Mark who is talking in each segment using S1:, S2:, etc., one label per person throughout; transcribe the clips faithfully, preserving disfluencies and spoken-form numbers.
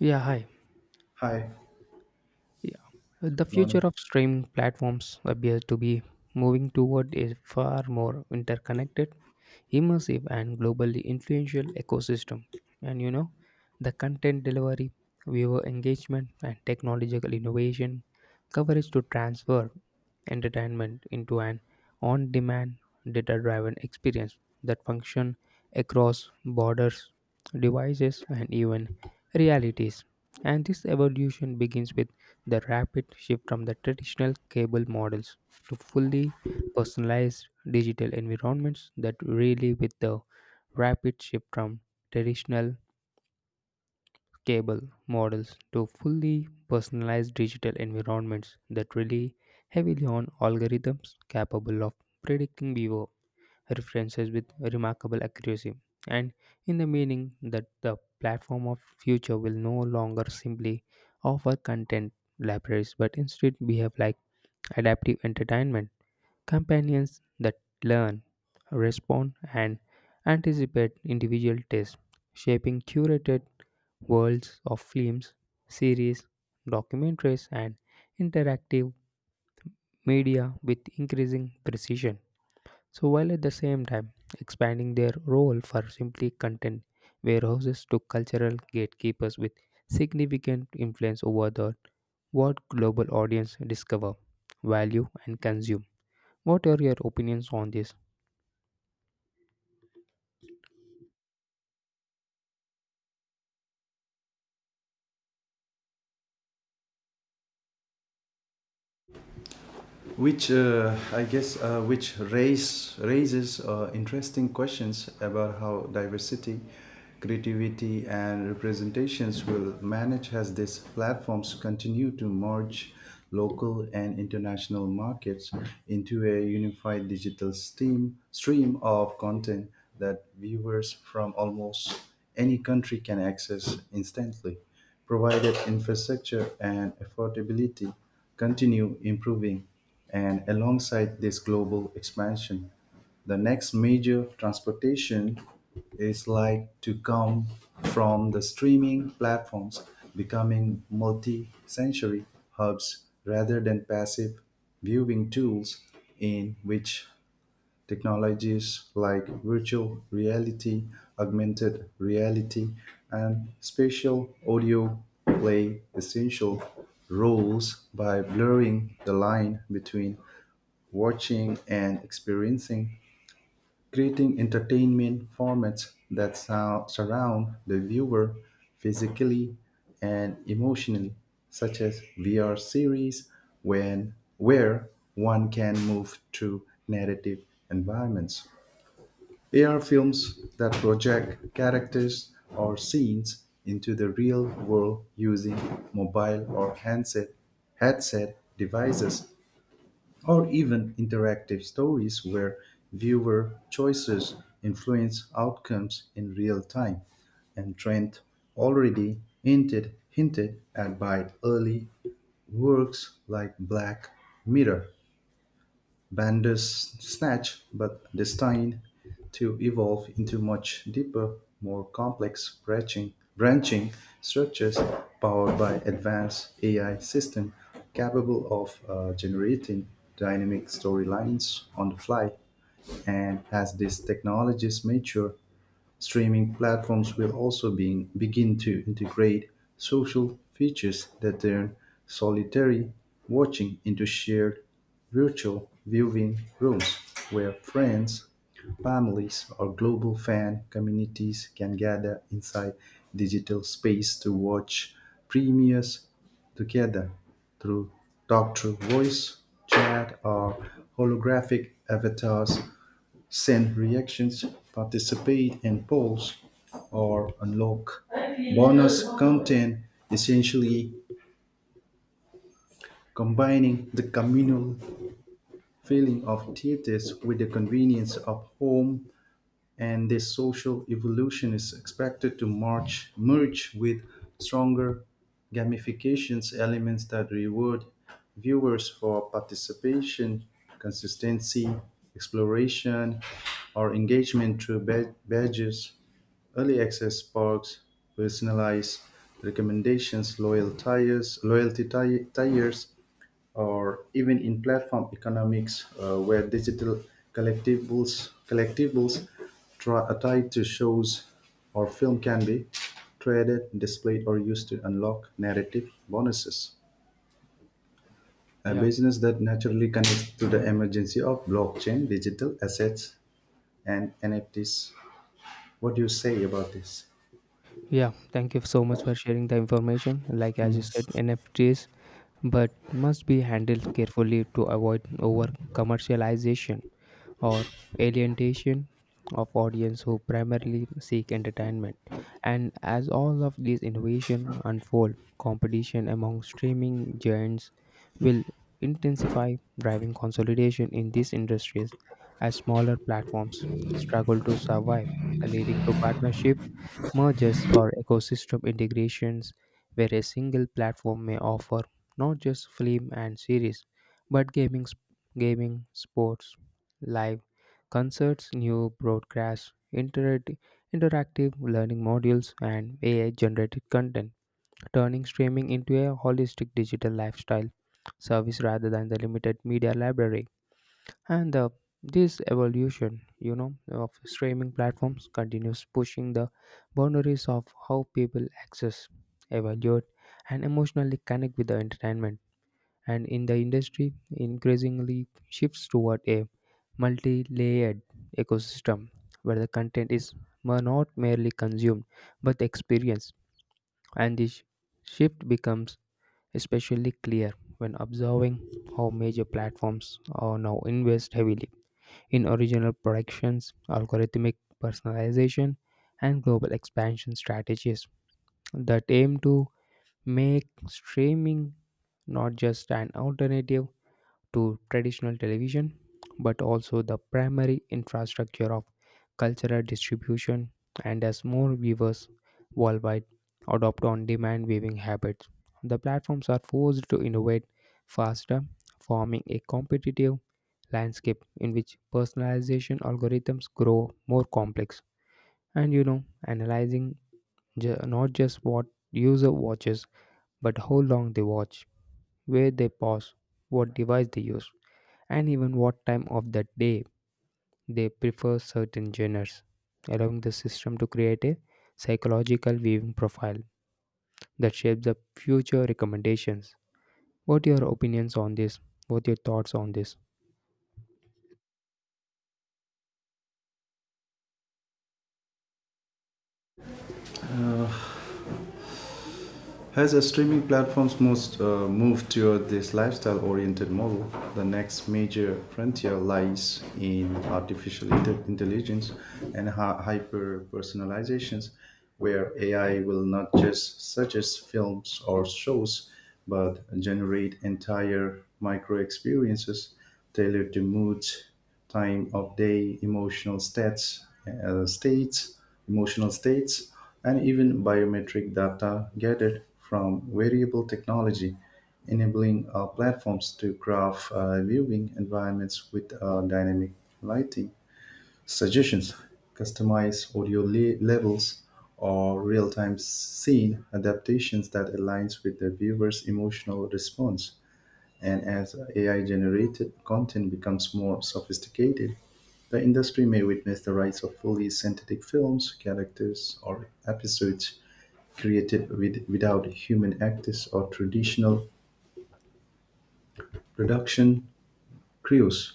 S1: いや、はい
S2: Hi,
S1: Yeah. The
S2: good
S1: future
S2: morning.
S1: of streaming platforms appears to be moving toward a far more interconnected, immersive, and globally influential ecosystem. And you know, the content delivery, viewer engagement, and technological innovation coverage to transfer entertainment into an on demand, data driven experience that function across borders, devices, and even realities. And this evolution begins with the rapid shift from the traditional cable models to fully personalized digital environments that really with the rapid shift from traditional cable models to fully personalized digital environments that rely heavily on algorithms capable of predicting behavior references with remarkable accuracy, and in the meaning that the platform of future will no longer simply offer content libraries but instead behave like adaptive entertainment companions that learn, respond, and anticipate individual tastes, shaping curated worlds of films, series, documentaries, and interactive media with increasing precision. So while at the same time expanding their role for simply content warehouses to cultural gatekeepers with significant influence over the what global audience discover, value and consume. What are your opinions on this?
S2: Which uh, I guess uh, which raise raises uh, interesting questions about how diversity, creativity, and representations will manage as these platforms continue to merge local and international markets into a unified digital steam stream of content that viewers from almost any country can access instantly, provided infrastructure and affordability continue improving. And alongside this global expansion, the next major transportation is like to come from the streaming platforms becoming multi-sensory hubs rather than passive viewing tools in which technologies like virtual reality, augmented reality, and spatial audio play essential roles by blurring the line between watching and experiencing, creating entertainment formats that sou- surround the viewer physically and emotionally, such as V R series, when, where one can move through narrative environments. A R films that project characters or scenes into the real world using mobile or handset headset devices, or even interactive stories where viewer choices influence outcomes in real time. And Trent already hinted hinted at by early works like Black Mirror. Bandersnatch, but destined to evolve into much deeper, more complex branching, branching structures powered by advanced A I systems capable of uh, generating dynamic storylines on the fly. And as these technologies mature, streaming platforms will also being, begin to integrate social features that turn solitary watching into shared virtual viewing rooms where friends, families, or global fan communities can gather inside digital space to watch premieres together through talk through voice, chat, or holographic avatars, send reactions, participate in polls, or unlock bonus content, essentially combining the communal feeling of theaters with the convenience of home. And this social evolution is expected to march, merge with stronger gamifications elements that reward viewers for participation, consistency, exploration, or engagement through ba- badges, early access perks, personalized recommendations, loyal tires, loyalty ti- tires, or even in platform economics uh, where digital collectibles collectibles try, are tied to shows or film can be traded, displayed, or used to unlock narrative bonuses. A
S1: Yeah,
S2: business that naturally connects to the emergency of blockchain, digital assets, and N F Ts. What do you say about this?
S1: yeah. Thank you so much for sharing the information. Like as you
S2: Hmm.
S1: said, N F Ts but must be handled carefully to avoid over commercialization, or alienation of audience who primarily seek entertainment. And as all of these innovation unfold, competition among streaming giants will intensify, driving consolidation in these industries as smaller platforms struggle to survive, leading to partnership mergers or ecosystem integrations where a single platform may offer not just film and series but gaming sp- gaming sports, live concerts, new broadcasts, interact- interactive learning modules, and ai generated content, turning streaming into a holistic digital lifestyle service rather than the limited media library. and the, this evolution, you know, of streaming platforms continues pushing the boundaries of how people access, evaluate, and emotionally connect with the entertainment. And in the industry, increasingly shifts toward a multi-layered ecosystem where the content is mer- not merely consumed but experienced. And this shift becomes especially clear when observing how major platforms are now invest heavily in original productions, algorithmic personalization, and global expansion strategies that aim to make streaming not just an alternative to traditional television but also the primary infrastructure of cultural distribution. And as more viewers worldwide adopt on-demand viewing habits, the platforms are forced to innovate faster, forming a competitive landscape in which personalization algorithms grow more complex, and you know analyzing ju- not just what user watches, but how long they watch, where they pause, what device they use, and even what time of the day they prefer certain genres, allowing the system to create a psychological viewing profile that shapes the future recommendations. What are your opinions on this? What are your thoughts on this?
S2: As the streaming platforms most uh, move toward this lifestyle-oriented model, the next major frontier lies in artificial inte- intelligence and hy- hyper-personalizations, where A I will not just suggest films or shows, but generate entire micro-experiences tailored to moods, time of day, emotional stats, uh, states, emotional states, and even biometric data gathered from variable technology, enabling uh, platforms to craft uh, viewing environments with uh, dynamic lighting suggestions, customized audio le- levels, or real-time scene adaptations that aligns with the viewer's emotional response. And as A I-generated content becomes more sophisticated, the industry may witness the rise of fully synthetic films, characters, or episodes created with, without human actors or traditional production crews,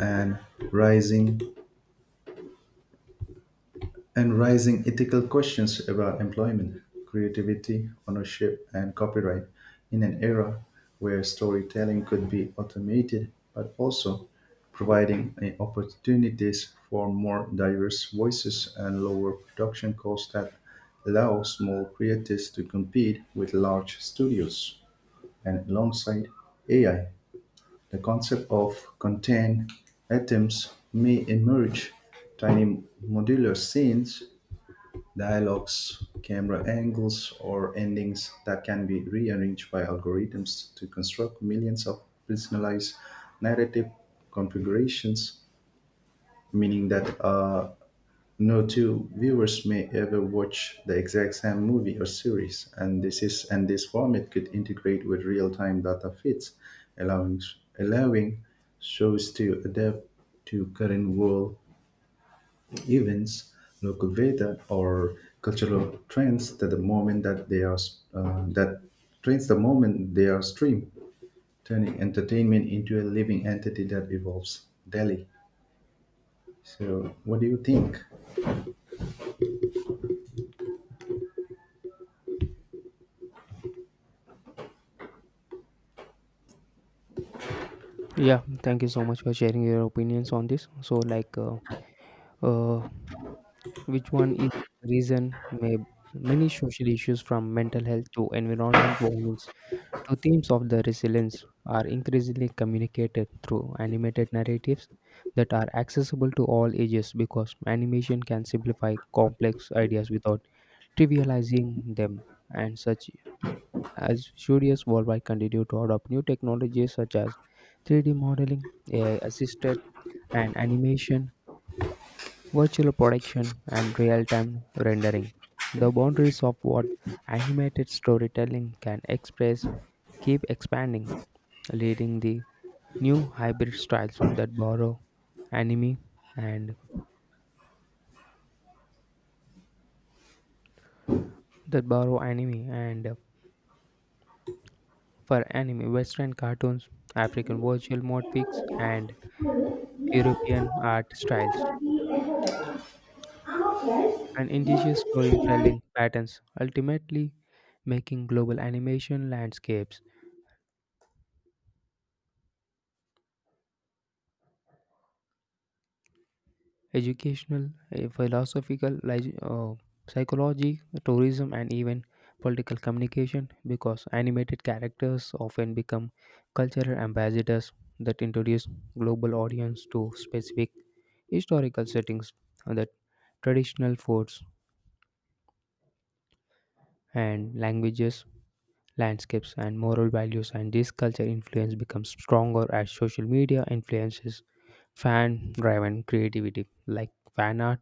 S2: and rising and raising ethical questions about employment, creativity, ownership, and copyright in an era where storytelling could be automated but also providing eh, opportunities for more diverse voices and lower production costs that allow small creators to compete with large studios. And alongside A I, the concept of content atoms may emerge, tiny modular scenes, dialogues, camera angles, or endings that can be rearranged by algorithms to construct millions of personalized narrative configurations, meaning that uh, no two viewers may ever watch the exact same movie or series. And this is and this format could integrate with real-time data feeds, allowing allowing shows to adapt to current world events, local weather, or cultural trends that the moment that they are uh, that trends the moment they are streamed, turning entertainment into a living entity that evolves daily. So, what do you think?
S1: Yeah, thank you so much for sharing your opinions on this. So like uh, uh, which one is the reason may many social issues from mental health to environment warnings to themes of the resilience are increasingly communicated through animated narratives that are accessible to all ages because animation can simplify complex ideas without trivializing them, and such as studios worldwide continue to adopt new technologies such as three D modeling, ai assisted and animation, virtual production, and real-time rendering. The boundaries of what animated storytelling can express keep expanding, leading the new hybrid styles that borrow anime and that borrow anime and uh, for anime, western cartoons, African virtual motifs, and European art styles, and indigenous storytelling patterns, ultimately making global animation landscapes educational, eh, philosophical, lig- uh, psychology, tourism, and even political communication because animated characters often become cultural ambassadors that introduce global audience to specific historical settings, uh, that traditional foods and languages, landscapes, and moral values. And this culture influence becomes stronger as social media influences fan driven creativity like fan art,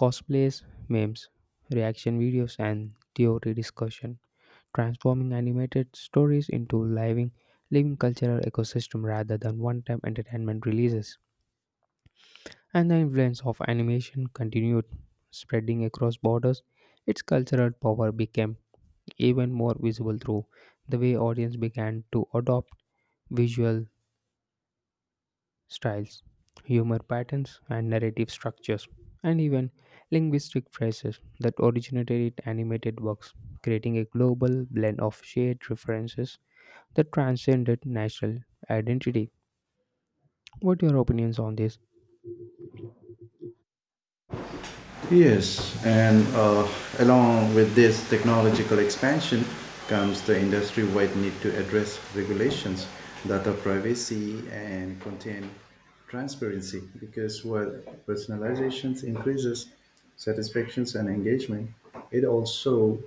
S1: cosplays, memes, reaction videos, and theory discussion, transforming animated stories into living, living cultural ecosystem rather than one-time entertainment releases. And the influence of animation continued spreading across borders. Its cultural power became even more visible through the way audience began to adopt visual styles, humor patterns, and narrative structures, and even linguistic phrases that originated in animated works, creating a global blend of shared references that transcended national identity. What are your opinions on this?
S2: Yes, and uh, along with this technological expansion comes the industry wide need to address regulations that are privacy and contain transparency because while personalizations increases satisfactions and engagement, it also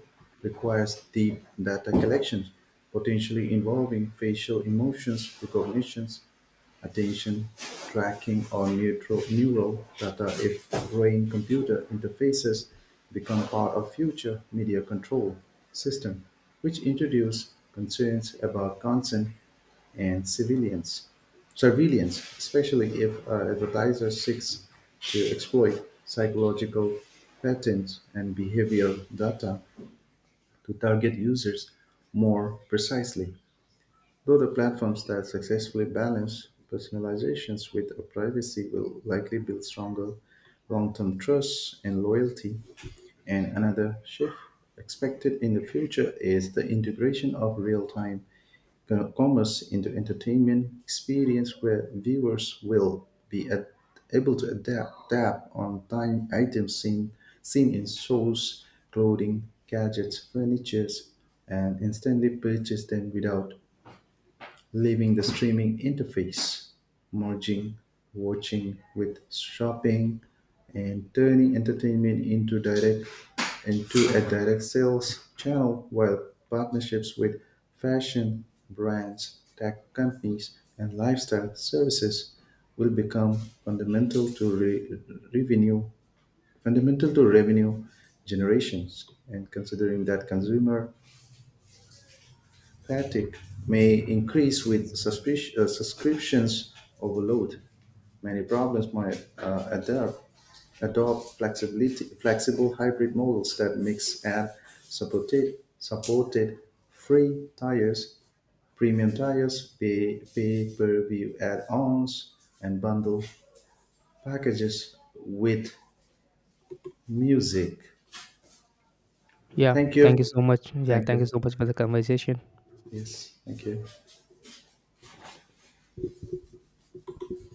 S2: requires deep data collection, potentially involving facial emotions, recognitions, attention tracking, or neutral, neural data if brain-computer interfaces become part of future media control system, which introduce concerns about consent and civilians, surveillance, especially if an advertiser seeks to exploit psychological patterns and behavioral data to target users more precisely. Though the platforms that successfully balance personalizations with privacy will likely build stronger long-term trust and loyalty. And another shift expected in the future is the integration of real-time commerce into entertainment experience where viewers will be ad- able to adapt tap on time items seen, seen in shows, clothing, gadgets, furniture, and instantly purchase them without leaving the streaming interface, merging watching with shopping, and turning entertainment into direct into a direct sales channel while partnerships with fashion brands, tech companies, and lifestyle services will become fundamental to re- revenue fundamental to revenue generations, and considering that consumer fatigue may increase with suspic- uh, subscriptions overload. Many problems might uh, adapt, adopt flexibility, flexible hybrid models that mix ad supported, supported free tires, premium tires, pay, pay per view add ons, and bundle packages with music.
S1: Yeah,
S2: Thank
S1: thank you
S2: you.
S1: so much. Yeah,
S2: Thank
S1: thank you
S2: you.
S1: so much for the conversation.
S2: Yes, thank you.